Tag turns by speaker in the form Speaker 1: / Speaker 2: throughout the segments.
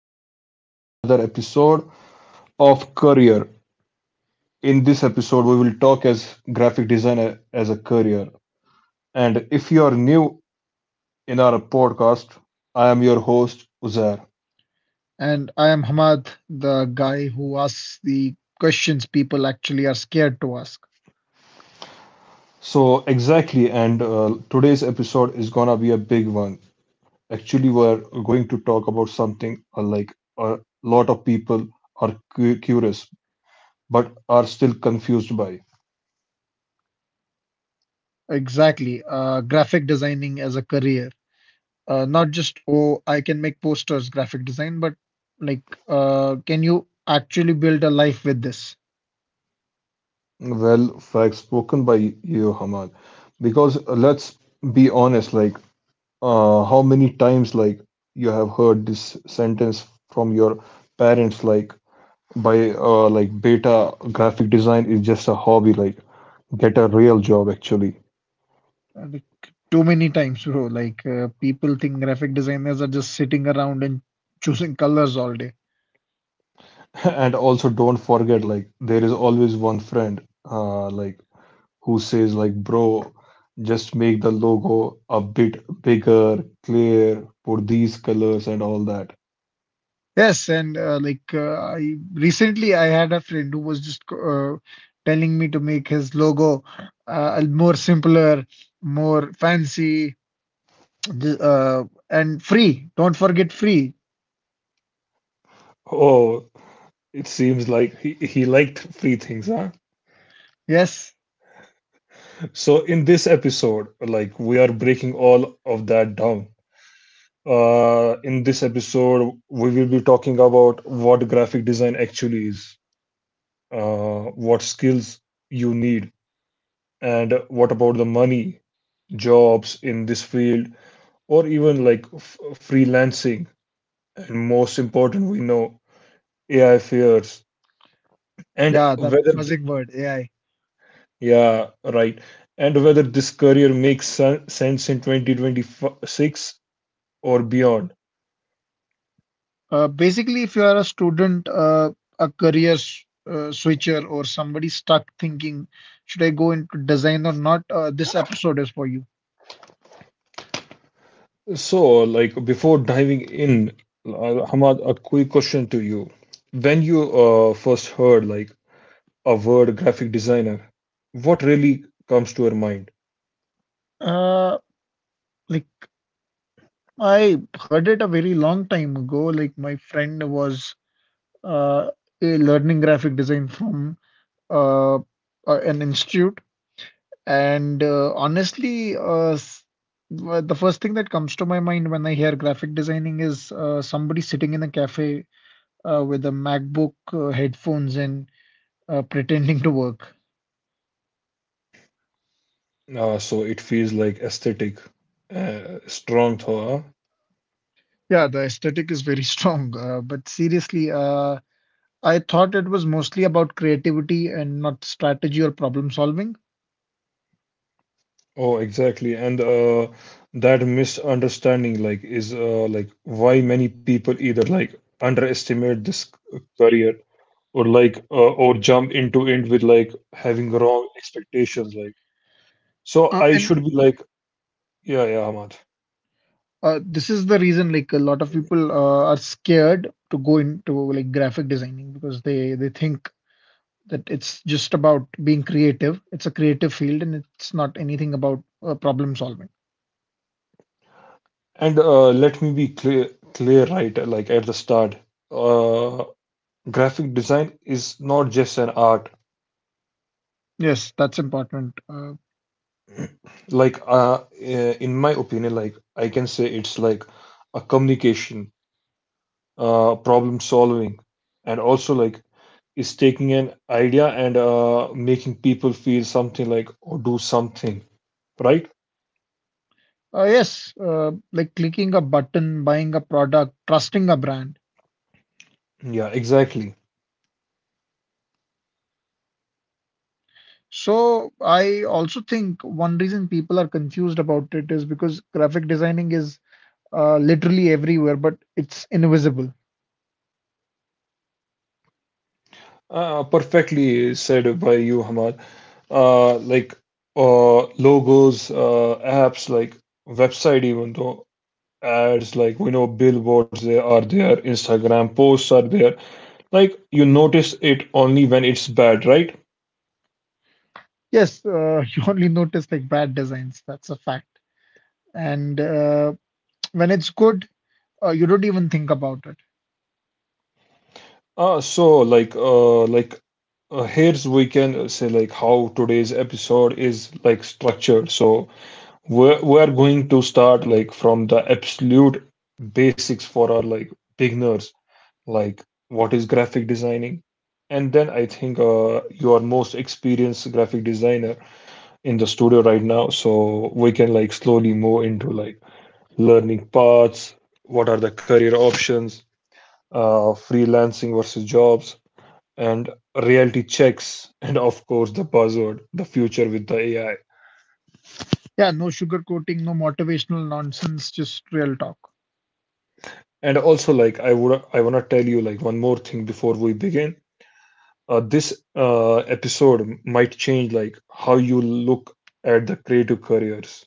Speaker 1: back, everyone, to another episode of Career. In this episode, we will talk as graphic designer as a career. And if you are new in our podcast, I am your host Uzair.
Speaker 2: And I am Hamad, the guy who asks the questions people actually are scared to ask.
Speaker 1: So exactly, and today's episode is gonna be a big one. Actually, we're going to talk about something like a lot of people are curious but are still confused by.
Speaker 2: Exactly. Graphic designing as a career. Not just, oh, I can make posters, graphic design, but like, can you actually build a life with this?
Speaker 1: Well, facts spoken by you, Hamal. Because let's be honest, how many times, like, you have heard this sentence from your parents, like, by, like, beta graphic design is just a hobby, like, get a real job, actually.
Speaker 2: Like, too many times, bro. Like, people think graphic designers are just sitting around and choosing colors all day.
Speaker 1: And also, don't forget, like, there is always one friend, like, who says, like, bro, just make the logo a bit bigger, clear, put these colors and all that.
Speaker 2: Yes, and I recently I had a friend who was just telling me to make his logo more simpler, more fancy, and free. Don't forget free.
Speaker 1: Oh, it seems like he liked free things, huh?
Speaker 2: Yes,
Speaker 1: So in this episode, like we are breaking all of that down. In this episode, we will be talking about what graphic design actually is, what skills you need, and what about the money, jobs in this field, or even like freelancing. And most important, we know AI fears and
Speaker 2: yeah, the
Speaker 1: whether
Speaker 2: magic word AI.
Speaker 1: yeah, right. And whether this career makes sense in 2026 or beyond.
Speaker 2: Basically, if you are a student, a career switcher, or somebody stuck thinking, should I go into design or not? This episode is for you.
Speaker 1: So, like before diving in, Hamad, a quick question to you. When you first heard like a word graphic designer, what really comes to your mind?
Speaker 2: Uh, like I heard it a very long time ago. Like my friend was uh, a learning graphic design from uh, uh, an institute, and honestly, the first thing that comes to my mind when I hear graphic designing is somebody sitting in a cafe with a MacBook, headphones, and pretending to work.
Speaker 1: So it feels like aesthetic, strong thought.
Speaker 2: Yeah, the aesthetic is very strong. But seriously, I thought it was mostly about creativity and not strategy or problem solving.
Speaker 1: Oh, exactly. And that misunderstanding like is like why many people either like underestimate this career or or jump into it with like having wrong expectations, like so
Speaker 2: Uh,
Speaker 1: I
Speaker 2: and
Speaker 1: should be like yeah, Ahmad.
Speaker 2: uh, this is the reason like a lot of people are scared to go into like graphic designing because they think that it's just about being creative. It's a creative field and it's not anything about problem solving.
Speaker 1: And let me be clear, right, like at the start, uh graphic design is not just an art.
Speaker 2: Yes, that's important.
Speaker 1: Like in my opinion, like I can say it's like a communication, problem solving, and also like is taking an idea and making people feel something, like or do something, right?
Speaker 2: Yes, like clicking a button, buying a product, trusting a brand.
Speaker 1: Yeah, exactly.
Speaker 2: So I also think one reason people are confused about it is because graphic designing is literally everywhere, but it's invisible.
Speaker 1: Perfectly said by you, Hamad. Like logos, apps like website, even though ads, like we know billboards, they are there, Instagram posts are there. Like you notice it only when it's bad, right?
Speaker 2: Yes, you only notice like bad designs. That's a fact. And when it's good, you don't even think about it.
Speaker 1: Ah, so like here's we can say like how today's episode is like structured. So we're going to start like from the absolute basics for our like beginners, like what is graphic designing. And then I think you are most experienced graphic designer in the studio right now, so we can like slowly move into like learning paths, what are the career options, freelancing versus jobs and reality checks, and of course the buzzword, the future with the AI.
Speaker 2: Yeah, no sugarcoating, no motivational nonsense, just real talk.
Speaker 1: And also like I want to tell you like one more thing before we begin. This episode might change like how you look at the creative careers.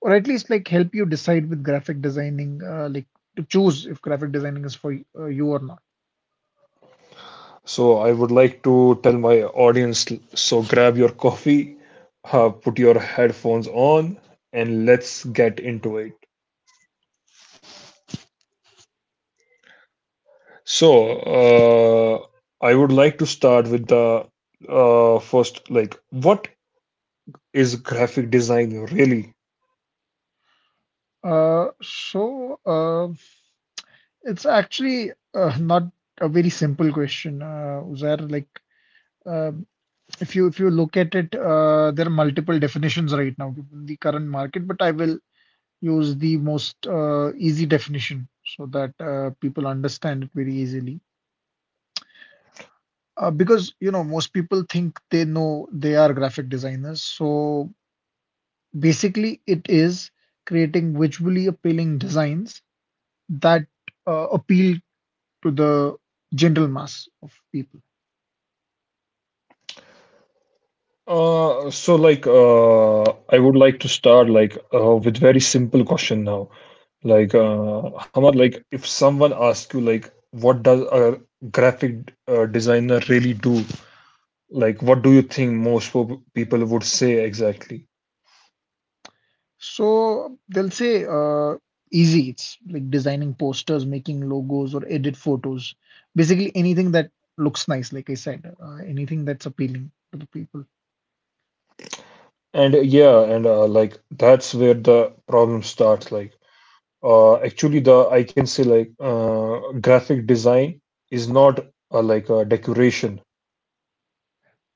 Speaker 2: Or at least like help you decide with graphic designing, like to choose if graphic designing is for you or not.
Speaker 1: So I would like to tell my audience, so grab your coffee, put your headphones on, and let's get into it. So I would like to start with the first, like what is graphic design really?
Speaker 2: So it's actually not a very simple question. Uzair, like uh, if you look at it, there are multiple definitions right now given the current market, but I will use the most easy definition so that people understand it very easily. Because, you know, most people think they know they are graphic designers. So basically, it is creating visually appealing designs that appeal to the general mass of people.
Speaker 1: So like I would like to start like with very simple question now. Like Hamad, like if someone asks you like what does a graphic designer really do? Like what do you think most people would say exactly?
Speaker 2: So they'll say easy. It's like designing posters, making logos, or edit photos. Basically anything that looks nice, like I said, anything that's appealing to the people.
Speaker 1: And yeah, and like that's where the problem starts. Like actually the I can say like graphic design is not like a decoration.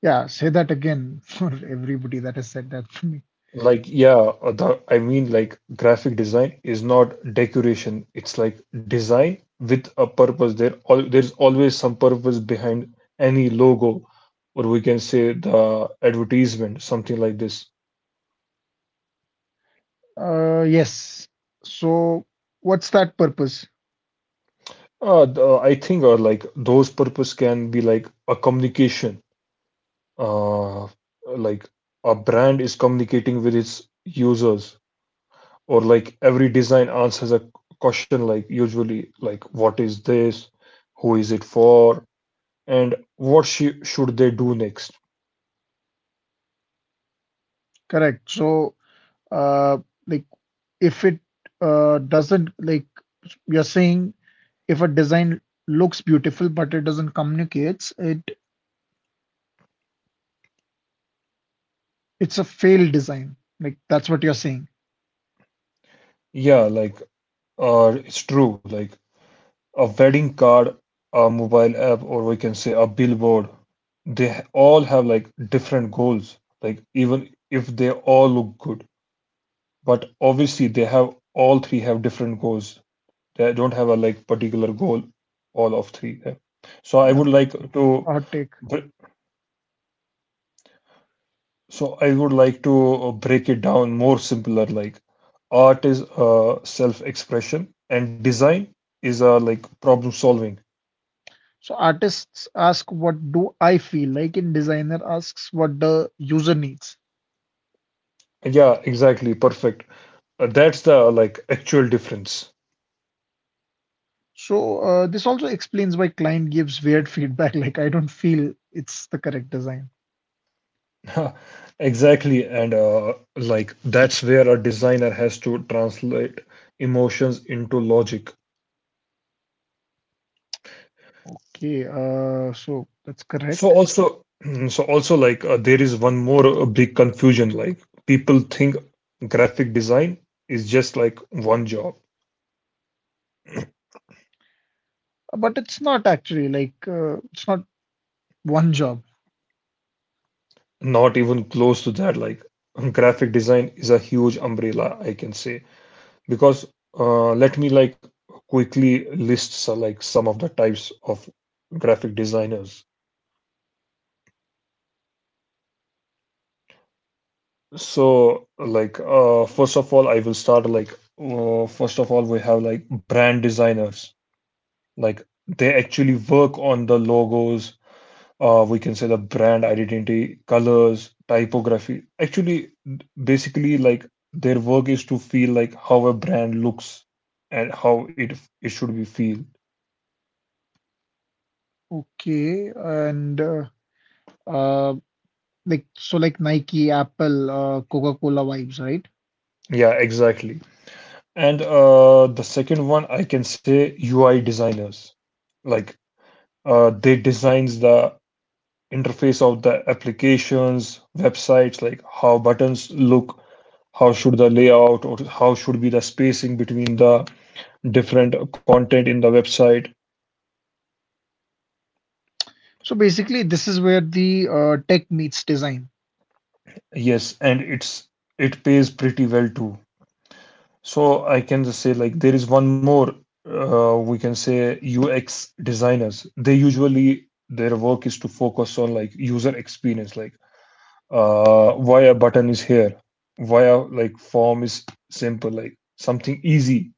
Speaker 2: Yeah, say that again for everybody that has said that for me.
Speaker 1: Like, yeah, the, I mean, like, graphic design is not decoration. It's like design with a purpose. There, all there's always some purpose behind any logo, or we can say the advertisement, something like this.
Speaker 2: Yes. So what's that purpose?
Speaker 1: The, I think, or like those purpose can be like a communication. Uh, like a brand is communicating with its users, or like every design answers a question like usually like what is this, who is it for, and should they do next?
Speaker 2: Correct. So uh, like if it doesn't like you're saying if a design looks beautiful but it doesn't communicates, it's a failed design. Like that's what you're saying.
Speaker 1: Yeah, like it's true, like a wedding card, a mobile app, or we can say a billboard, they all have like different goals, like even if they all look good. But obviously, they have all three have different goals. They don't have a like particular goal, all of three. Yeah. So I would
Speaker 2: That's,
Speaker 1: like
Speaker 2: that's
Speaker 1: to,
Speaker 2: a hot take.
Speaker 1: br- so I would like to break it down more simpler. Like art is self-expression, and design is like problem solving.
Speaker 2: So artists ask, "What do I feel like?" And designer asks, "What the user needs."
Speaker 1: Yeah, exactly, perfect. That's the like actual difference.
Speaker 2: So this also explains why client gives weird feedback. Like I don't feel it's the correct design.
Speaker 1: Exactly, and like that's where a designer has to translate emotions into logic.
Speaker 2: Okay, so that's
Speaker 1: So
Speaker 2: correct.
Speaker 1: also, so also like there is one more big confusion. Like people think graphic design is just like one job.
Speaker 2: But it's not actually like it's not one job.
Speaker 1: Not even close to that. Like graphic design is a huge umbrella, I can say. Because let me like quickly list so, like some of the types of graphic designers. So, like, first of all, I will start like, first of all, we have like brand designers. Like, they actually work on the logos. We can say the brand identity, colors, typography. Actually, basically, like, their work is to feel like how a brand looks and how it should be feel.
Speaker 2: Okay, and uh, so like Nike, Apple, Coca-Cola vibes, right?
Speaker 1: Yeah, exactly. And the second one, I can say UI designers. Like, they designs the interface of the applications, websites, like how buttons look, how should the layout or how should be the spacing between the different content in the website.
Speaker 2: So basically, this is where the tech meets design.
Speaker 1: Yes, and it pays pretty well too. So I can just say like there is one more, we can say UX designers. They usually their work is to focus on like user experience, like why a button is here, why a like form is simple, like something easy.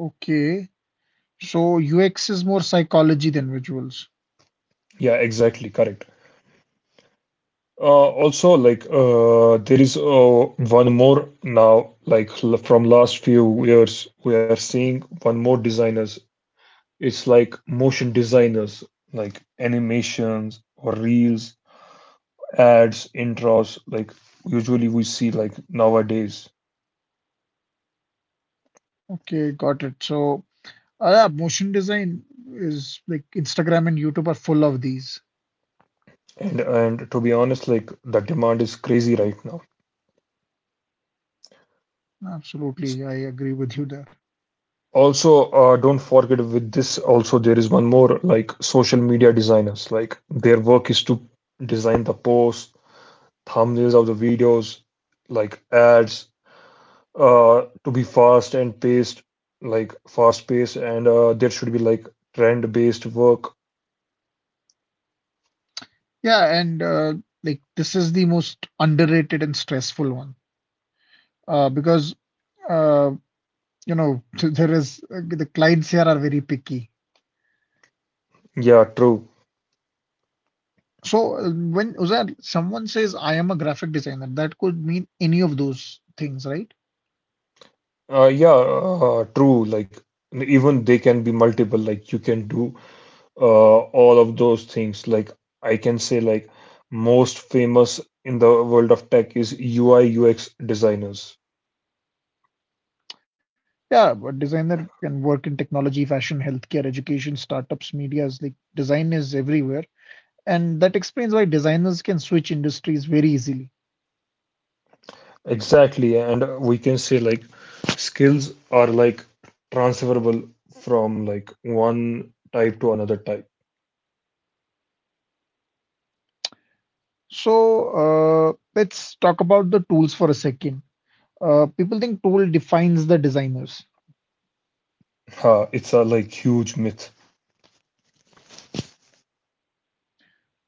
Speaker 2: Okay. So UX is more psychology than visuals.
Speaker 1: Yeah, exactly. Correct. Also, like there is one more now. Like from last few years, we are seeing one more designers. It's like motion designers, like animations or reels, ads, intros. Like usually we see like nowadays.
Speaker 2: Okay, got it. So yeah, motion design is like Instagram and YouTube are full of these.
Speaker 1: And to be honest, like the demand is crazy right now.
Speaker 2: Absolutely, I agree with you there.
Speaker 1: Also, don't forget, with this also there is one more like social media designers. Like their work is to design the posts, thumbnails of the videos, like ads, to be fast and paced, like fast paced, and there should be like trend based work.
Speaker 2: Yeah, and like this is the most underrated and stressful one because uh, you know there is the clients here are very picky.
Speaker 1: Yeah, true.
Speaker 2: So when Uzair, someone says I am a graphic designer, that could mean any of those things, right?
Speaker 1: Yeah, true. Like even they can be multiple. Like you can do uh, all of those things. Like I can say, like most famous in the world of tech is UI UX designers.
Speaker 2: Yeah, but designer can work in technology, fashion, healthcare, education, startups, medias, like design is everywhere. And that explains why designers can switch industries very easily.
Speaker 1: Exactly, and we can say like skills are like transferable from like one type to another type.
Speaker 2: So, let's talk about the tools for a second. People think tool defines the designers.
Speaker 1: Ha, it's a like huge myth.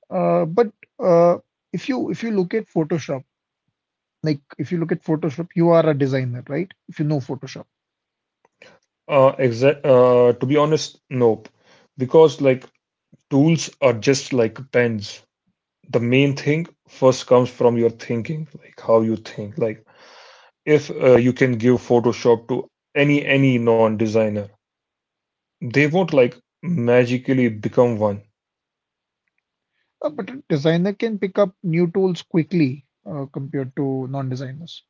Speaker 2: But uh, if you look at Photoshop, like if you look at Photoshop, you are a designer, right? If you know Photoshop.
Speaker 1: Exact. To be honest, nope. Because like tools are just like pens. The main thing first comes from your thinking, like how you think. Like if you can give Photoshop to any non-designer, they won't like magically become one.
Speaker 2: But a designer can pick up new tools quickly compared to non-designers.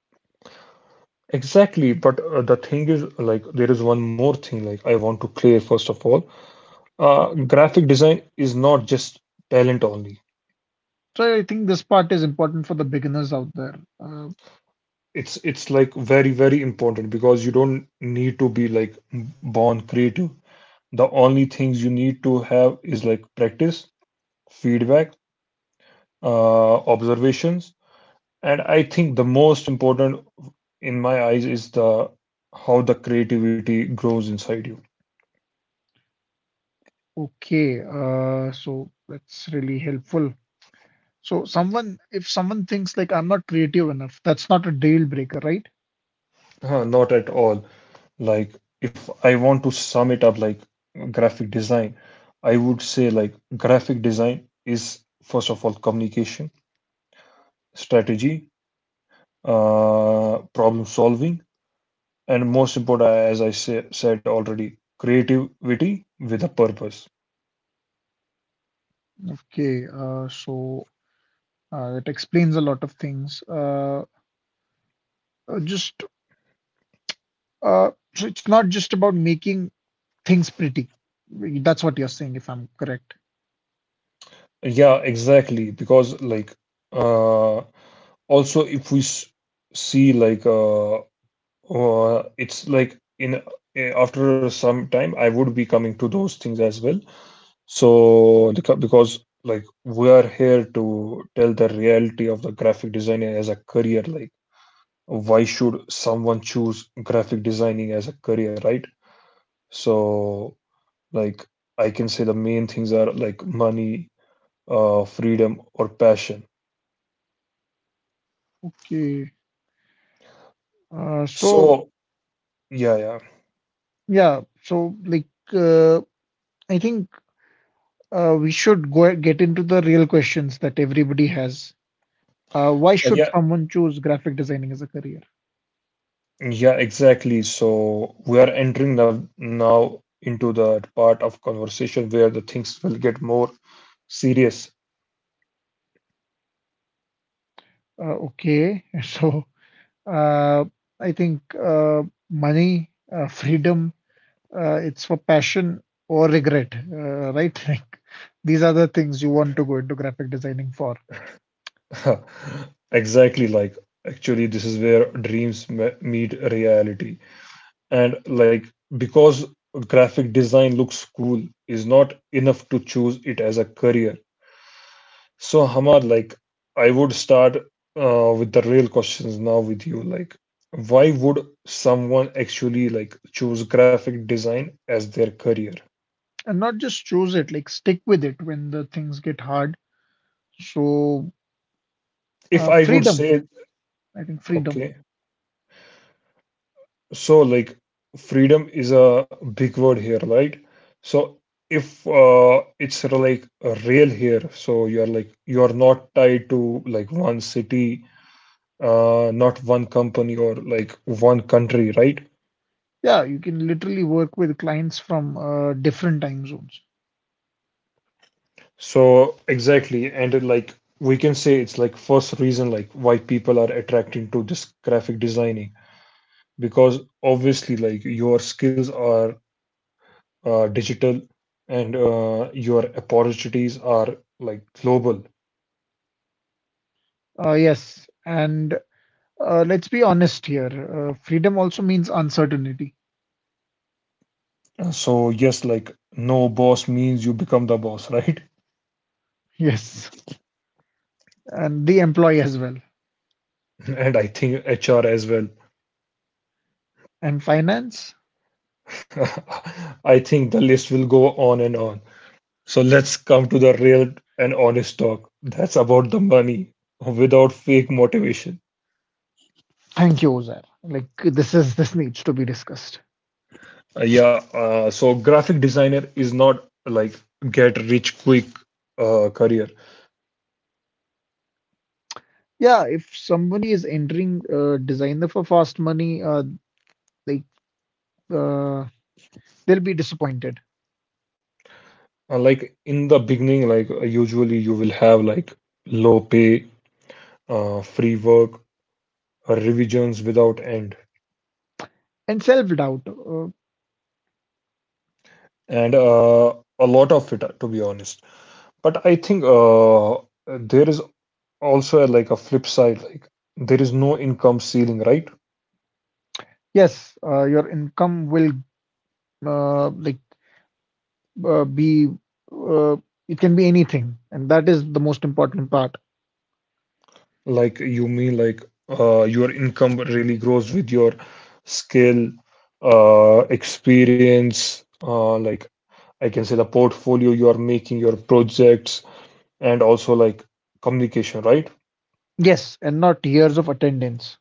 Speaker 1: Exactly, but the thing is, like, there is one more thing. Like, I want to clear first of all, graphic design is not just talent only.
Speaker 2: So I think this part is important for the beginners out there. Uh,
Speaker 1: It's like very important because you don't need to be like born creative. The only things you need to have is like practice, feedback, observations, and I think the most important in my eyes is the how the creativity grows inside you.
Speaker 2: okay, so that's really helpful. So someone, if someone thinks like I'm not creative enough, that's not a deal breaker, right?
Speaker 1: Huh, not at all. Like if I want to sum it up, like graphic design, I would say like graphic design is first of all communication, strategy, problem solving, and most important as said already, creativity with a purpose.
Speaker 2: Okay, so it explains a lot of things. Just so it's not just about making things pretty. That's what you're saying, if I'm correct.
Speaker 1: Yeah, exactly, because like uh, also if we see like it's like in after some time, I would be coming to those things as well. So the because like we are here to tell the reality of the graphic designer as a career, like why should someone choose graphic designing as a career, right? So like I can say the main things are like money, freedom or passion.
Speaker 2: Okay. So
Speaker 1: So yeah, yeah.
Speaker 2: yeah, so like uh, I think we should go get into the real questions that everybody has. Why should
Speaker 1: Yeah.
Speaker 2: someone choose graphic designing as a career?
Speaker 1: Yeah, exactly. So we are entering the, now into the part of conversation where the things will get more serious.
Speaker 2: Okay, so uh, I think money, freedom, it's for passion or regret, right? Like these are the things you want to go into graphic designing for,
Speaker 1: Exactly, like actually, this is where meet reality. And like, because graphic design looks cool, is not enough to choose it as a career. So, Hamar, like, I would start with the real questions now with you. Like, why would someone actually like choose graphic design as their career?
Speaker 2: and not just choose it, like stick with it when the things get hard. So
Speaker 1: If I would
Speaker 2: freedom,
Speaker 1: say,
Speaker 2: I think freedom.
Speaker 1: okay, so like, freedom is a big word here, right? So, if it's real here, so you're not tied to like one city, not one company or like one country, right?
Speaker 2: Yeah, you can literally work with clients from different time zones.
Speaker 1: So exactly, and it, like we can say it's like first reason like why people are attracting to this graphic designing because obviously like your skills are digital and your opportunities are like global.
Speaker 2: Yes, and let's be honest here. Freedom also means uncertainty.
Speaker 1: So yes, like no boss means you become the boss, right?
Speaker 2: Yes, and the employee as well.
Speaker 1: And I think HR as well.
Speaker 2: And finance?
Speaker 1: I think the list will go on and on. So let's come to the real and honest talk. That's about the money without fake motivation.
Speaker 2: Thank you, Ozair. Like this is this needs to be discussed.
Speaker 1: Yeah, so graphic designer is not like get rich quick career.
Speaker 2: Yeah, if somebody is entering designer for fast money, they uh, they'll be disappointed
Speaker 1: In the beginning, usually you will have like low pay, free work, revisions without end,
Speaker 2: and self doubt.
Speaker 1: and a lot of it, to be honest. But I think there is also like a flip side. Like there is no income ceiling, right?
Speaker 2: Yes, your income will uh, like be uh, it can be anything, and that is the most important part.
Speaker 1: Like you mean, your income really grows with your skill, experience, I can say the portfolio you are making, your projects, and also like communication, right?
Speaker 2: Yes, and not years of attendance.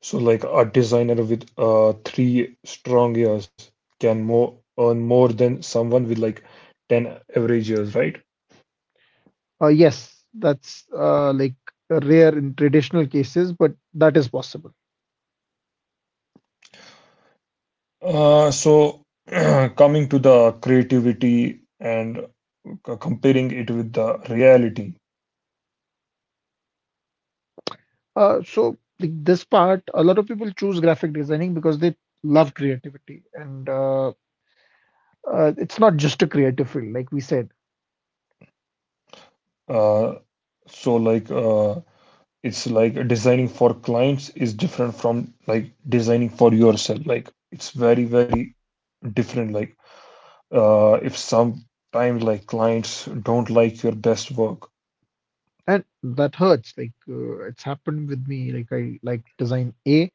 Speaker 1: So like a designer with three strong years can more earn more than someone with like 10 average years, right?
Speaker 2: Yes, that's like rare in traditional cases, but that is possible.
Speaker 1: So, coming to the creativity and comparing it with the reality.
Speaker 2: So like this part, a lot of people choose graphic designing because they love creativity, and it's not just a creative field, like we said,
Speaker 1: Uh, so, it's like designing for clients is different from like designing for yourself. Like it's very very different. Like if sometimes like clients don't like your best work.
Speaker 2: and that hurts. Like it's happened with me. Like I like design A,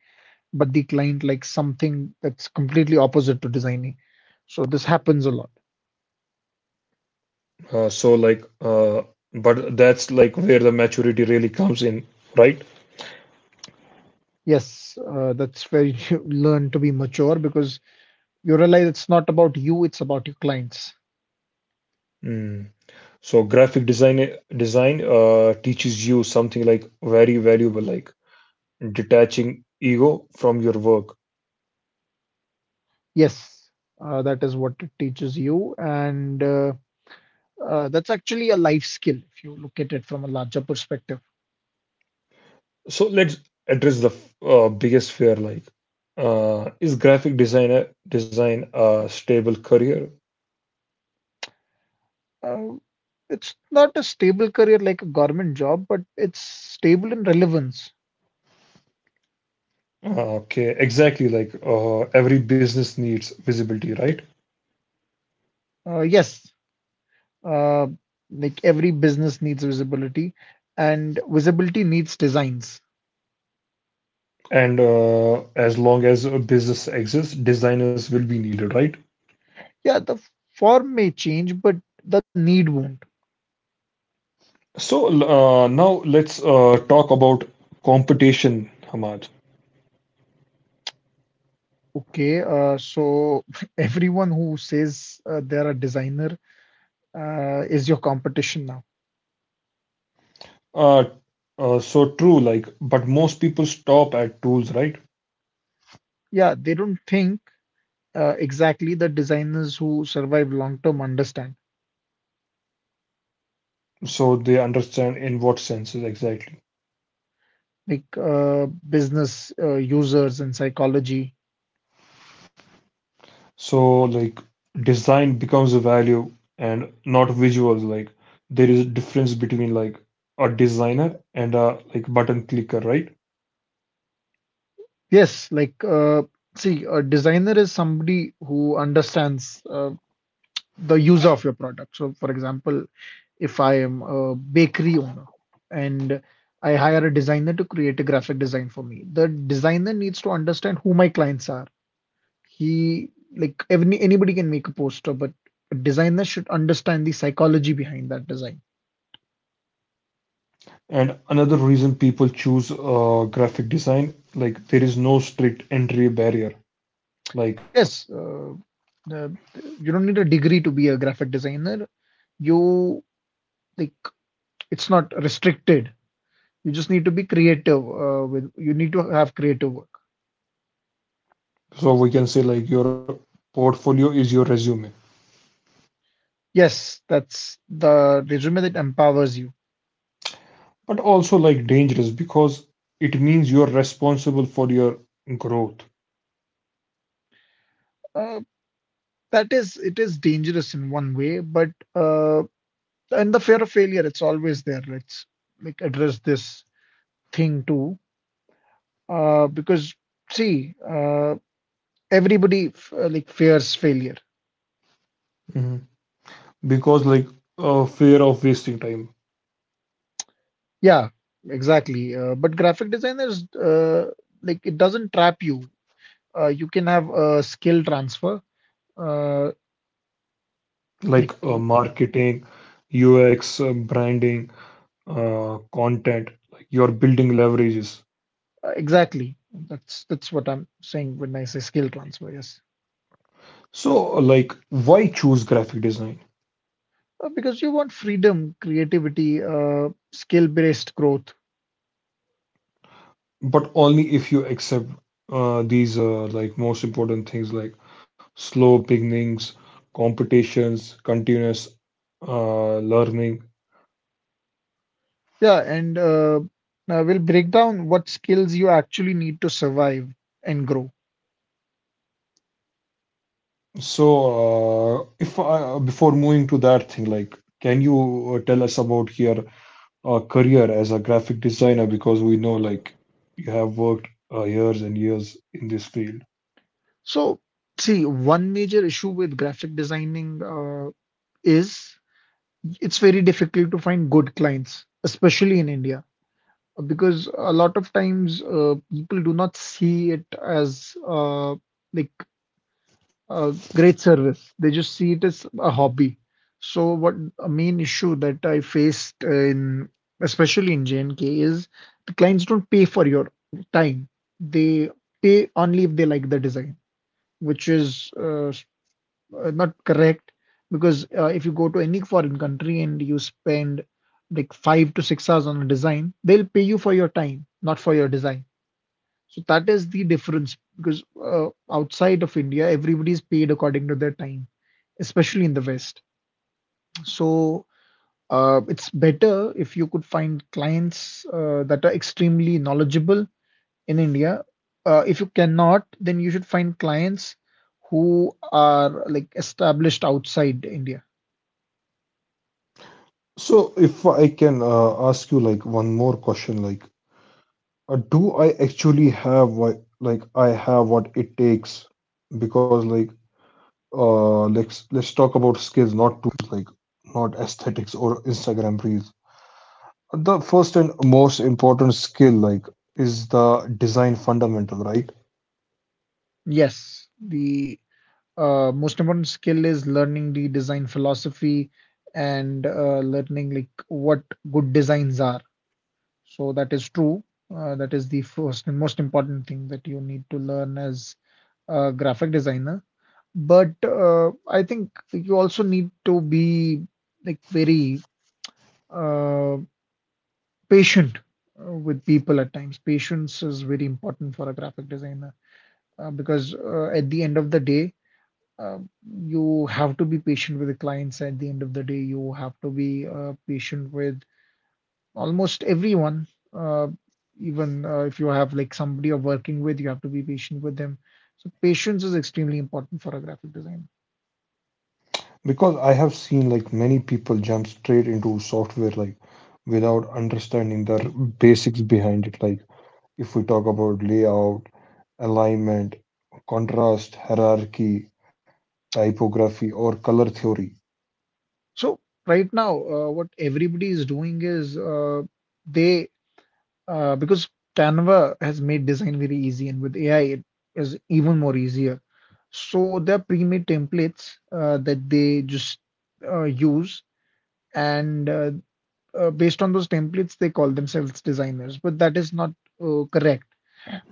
Speaker 2: but the client likes something that's completely opposite to designing. So this happens a lot.
Speaker 1: uh, so like uh, but that's like where the maturity really comes in, right?
Speaker 2: Yes, that's where you learn to be mature because you realize it's not about you, it's about your clients.
Speaker 1: Mm. So graphic design teaches you something like very valuable, like detaching ego from your work.
Speaker 2: Yes, that is what it teaches you. And that's actually a life skill if you look at it from a larger perspective.
Speaker 1: So let's address the biggest fear, like is graphic designer design a stable career?
Speaker 2: Uh, it's not a stable career like a government job, but it's stable in relevance.
Speaker 1: Okay, exactly, like every business needs visibility, right?
Speaker 2: Yes, Uh, like every business needs visibility, and visibility needs designs.
Speaker 1: And as long as a business exists, designers will be needed, right?
Speaker 2: Yeah, the form may change, but the need won't.
Speaker 1: So now let's talk about competition, Hamad.
Speaker 2: Okay, so everyone who says they're a designer is your competition now.
Speaker 1: Uh, so true, like, but most people stop at tools, right?
Speaker 2: Yeah, they don't think exactly the designers who survive long term understand,
Speaker 1: So they understand in what sense exactly.
Speaker 2: like business users and psychology.
Speaker 1: So like design becomes a value and not visuals. Like there is a difference between like a designer and a like button clicker, right?
Speaker 2: Yes, like, see, a designer is somebody who understands the user of your product. So, for example, if I am a bakery owner and I hire a designer to create a graphic design for me, the designer needs to understand who my clients are. He, like, every, anybody can make a poster, but a designer should understand the psychology behind that design.
Speaker 1: And another reason people choose graphic design, like there is no strict entry barrier. Like,
Speaker 2: Yes, the- you don't need a degree to be a graphic designer. You, like, it's not restricted. You just need to be creative, with, you need to have creative work.
Speaker 1: so we can say like your portfolio is your resume,
Speaker 2: Yes, that's the resume that empowers you.
Speaker 1: but also like dangerous because it means you're responsible for your growth.
Speaker 2: Uh, that is, it is dangerous in one way, but uh, and the fear of failure, it's always there. Let's like address this thing too, because see, everybody like fears failure.
Speaker 1: Mhm. Because like a fear of wasting time,
Speaker 2: Yeah, exactly. But graphic designers, like it doesn't trap you. You can have a skill transfer. Uh,
Speaker 1: like
Speaker 2: like
Speaker 1: marketing, UX, branding, content, like your building leverages.
Speaker 2: Exactly. That's what I'm saying when I say skill transfer. Yes,
Speaker 1: So, like, why choose graphic design?
Speaker 2: because you want freedom, creativity, skill-based growth.
Speaker 1: But only if you accept these most important things, like slow beginnings, competitions, continuous learning.
Speaker 2: Yeah, and now we'll break down what skills you actually need to survive and grow.
Speaker 1: So, if I, before moving to that thing, like, can you tell us about here a career as a graphic designer, because we know like you have worked years and years in this field.
Speaker 2: So, see, one major issue with graphic designing is it's very difficult to find good clients, especially in India, because a lot of times people do not see it as like great service. They just see it as a hobby. So what a main issue that I faced in especially in J&K is the clients don't pay for your time. They pay only if they like the design, which is not correct because if you go to any foreign country and you spend like 5 to 6 hours on a design, they'll pay you for your time, not for your design. So that is the difference because outside of India, everybody is paid according to their time, especially in the West. So it's better if you could find clients that are extremely knowledgeable in India. If you cannot, then you should find clients who are like established outside India.
Speaker 1: So if I can ask you like one more question, like do I have what it takes? Because like, let's talk about skills, not tools, like not aesthetics or Instagram reels. The first and most important skill like is the design fundamental, right?
Speaker 2: Yes, the most important skill is learning the design philosophy and learning like what good designs are. So that is true. That is the first and most important thing that you need to learn as a graphic designer. But I think you also need to be like very uh, patient with people at times. Patience is very important for a graphic designer because at the end of the day, uh, you have to be patient with the clients. At the end of the day, you have to be patient with almost everyone. Uh, Even if you have like somebody you're working with, you have to be patient with them. So patience is extremely important for a graphic designer.
Speaker 1: Because I have seen like many people jump straight into software like without understanding the basics behind it. Like if we talk about layout, alignment, contrast, hierarchy, typography, or color theory.
Speaker 2: So right now, what everybody is doing is they because Canva has made design very easy, and with AI, it is even more easier. So there are pre-made templates that they just use, and based on those templates, they call themselves designers. But that is not correct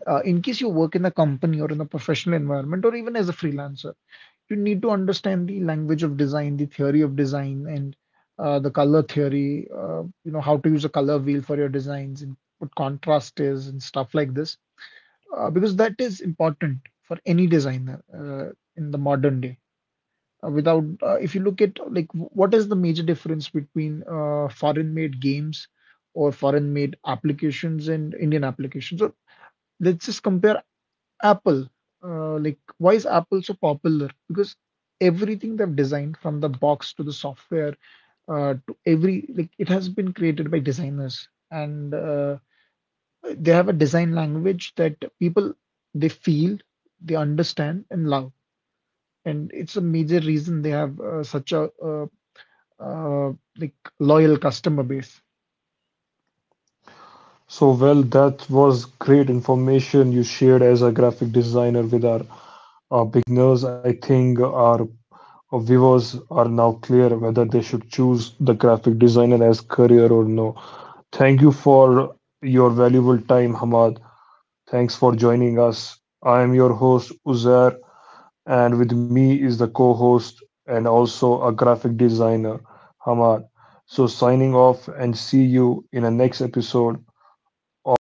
Speaker 2: in case you work in a company or in a professional environment or even as a freelancer, you need to understand the language of design, the theory of design, and the color theory. You know how to use a color wheel for your designs and what contrast is and stuff like this, because that is important for any designer in the modern day. Without, if you look at like what is the major difference between foreign-made games or foreign-made applications and Indian applications? So let's just compare Apple, like why is Apple so popular? Because everything they've designed from the box to the software to every like it has been created by designers and they have a design language that people they feel, they understand and love. And it's a major reason they have such a uh, like loyal customer base.
Speaker 1: So, well, that was great information you shared as a graphic designer with our beginners. I think our viewers are now clear whether they should choose the graphic designer as career or no. Thank you for your valuable time, Hamad. Thanks for joining us. I am your host, Uzair, and with me is the co host and also a graphic designer, Hamad. So, signing off and see you in the next episode of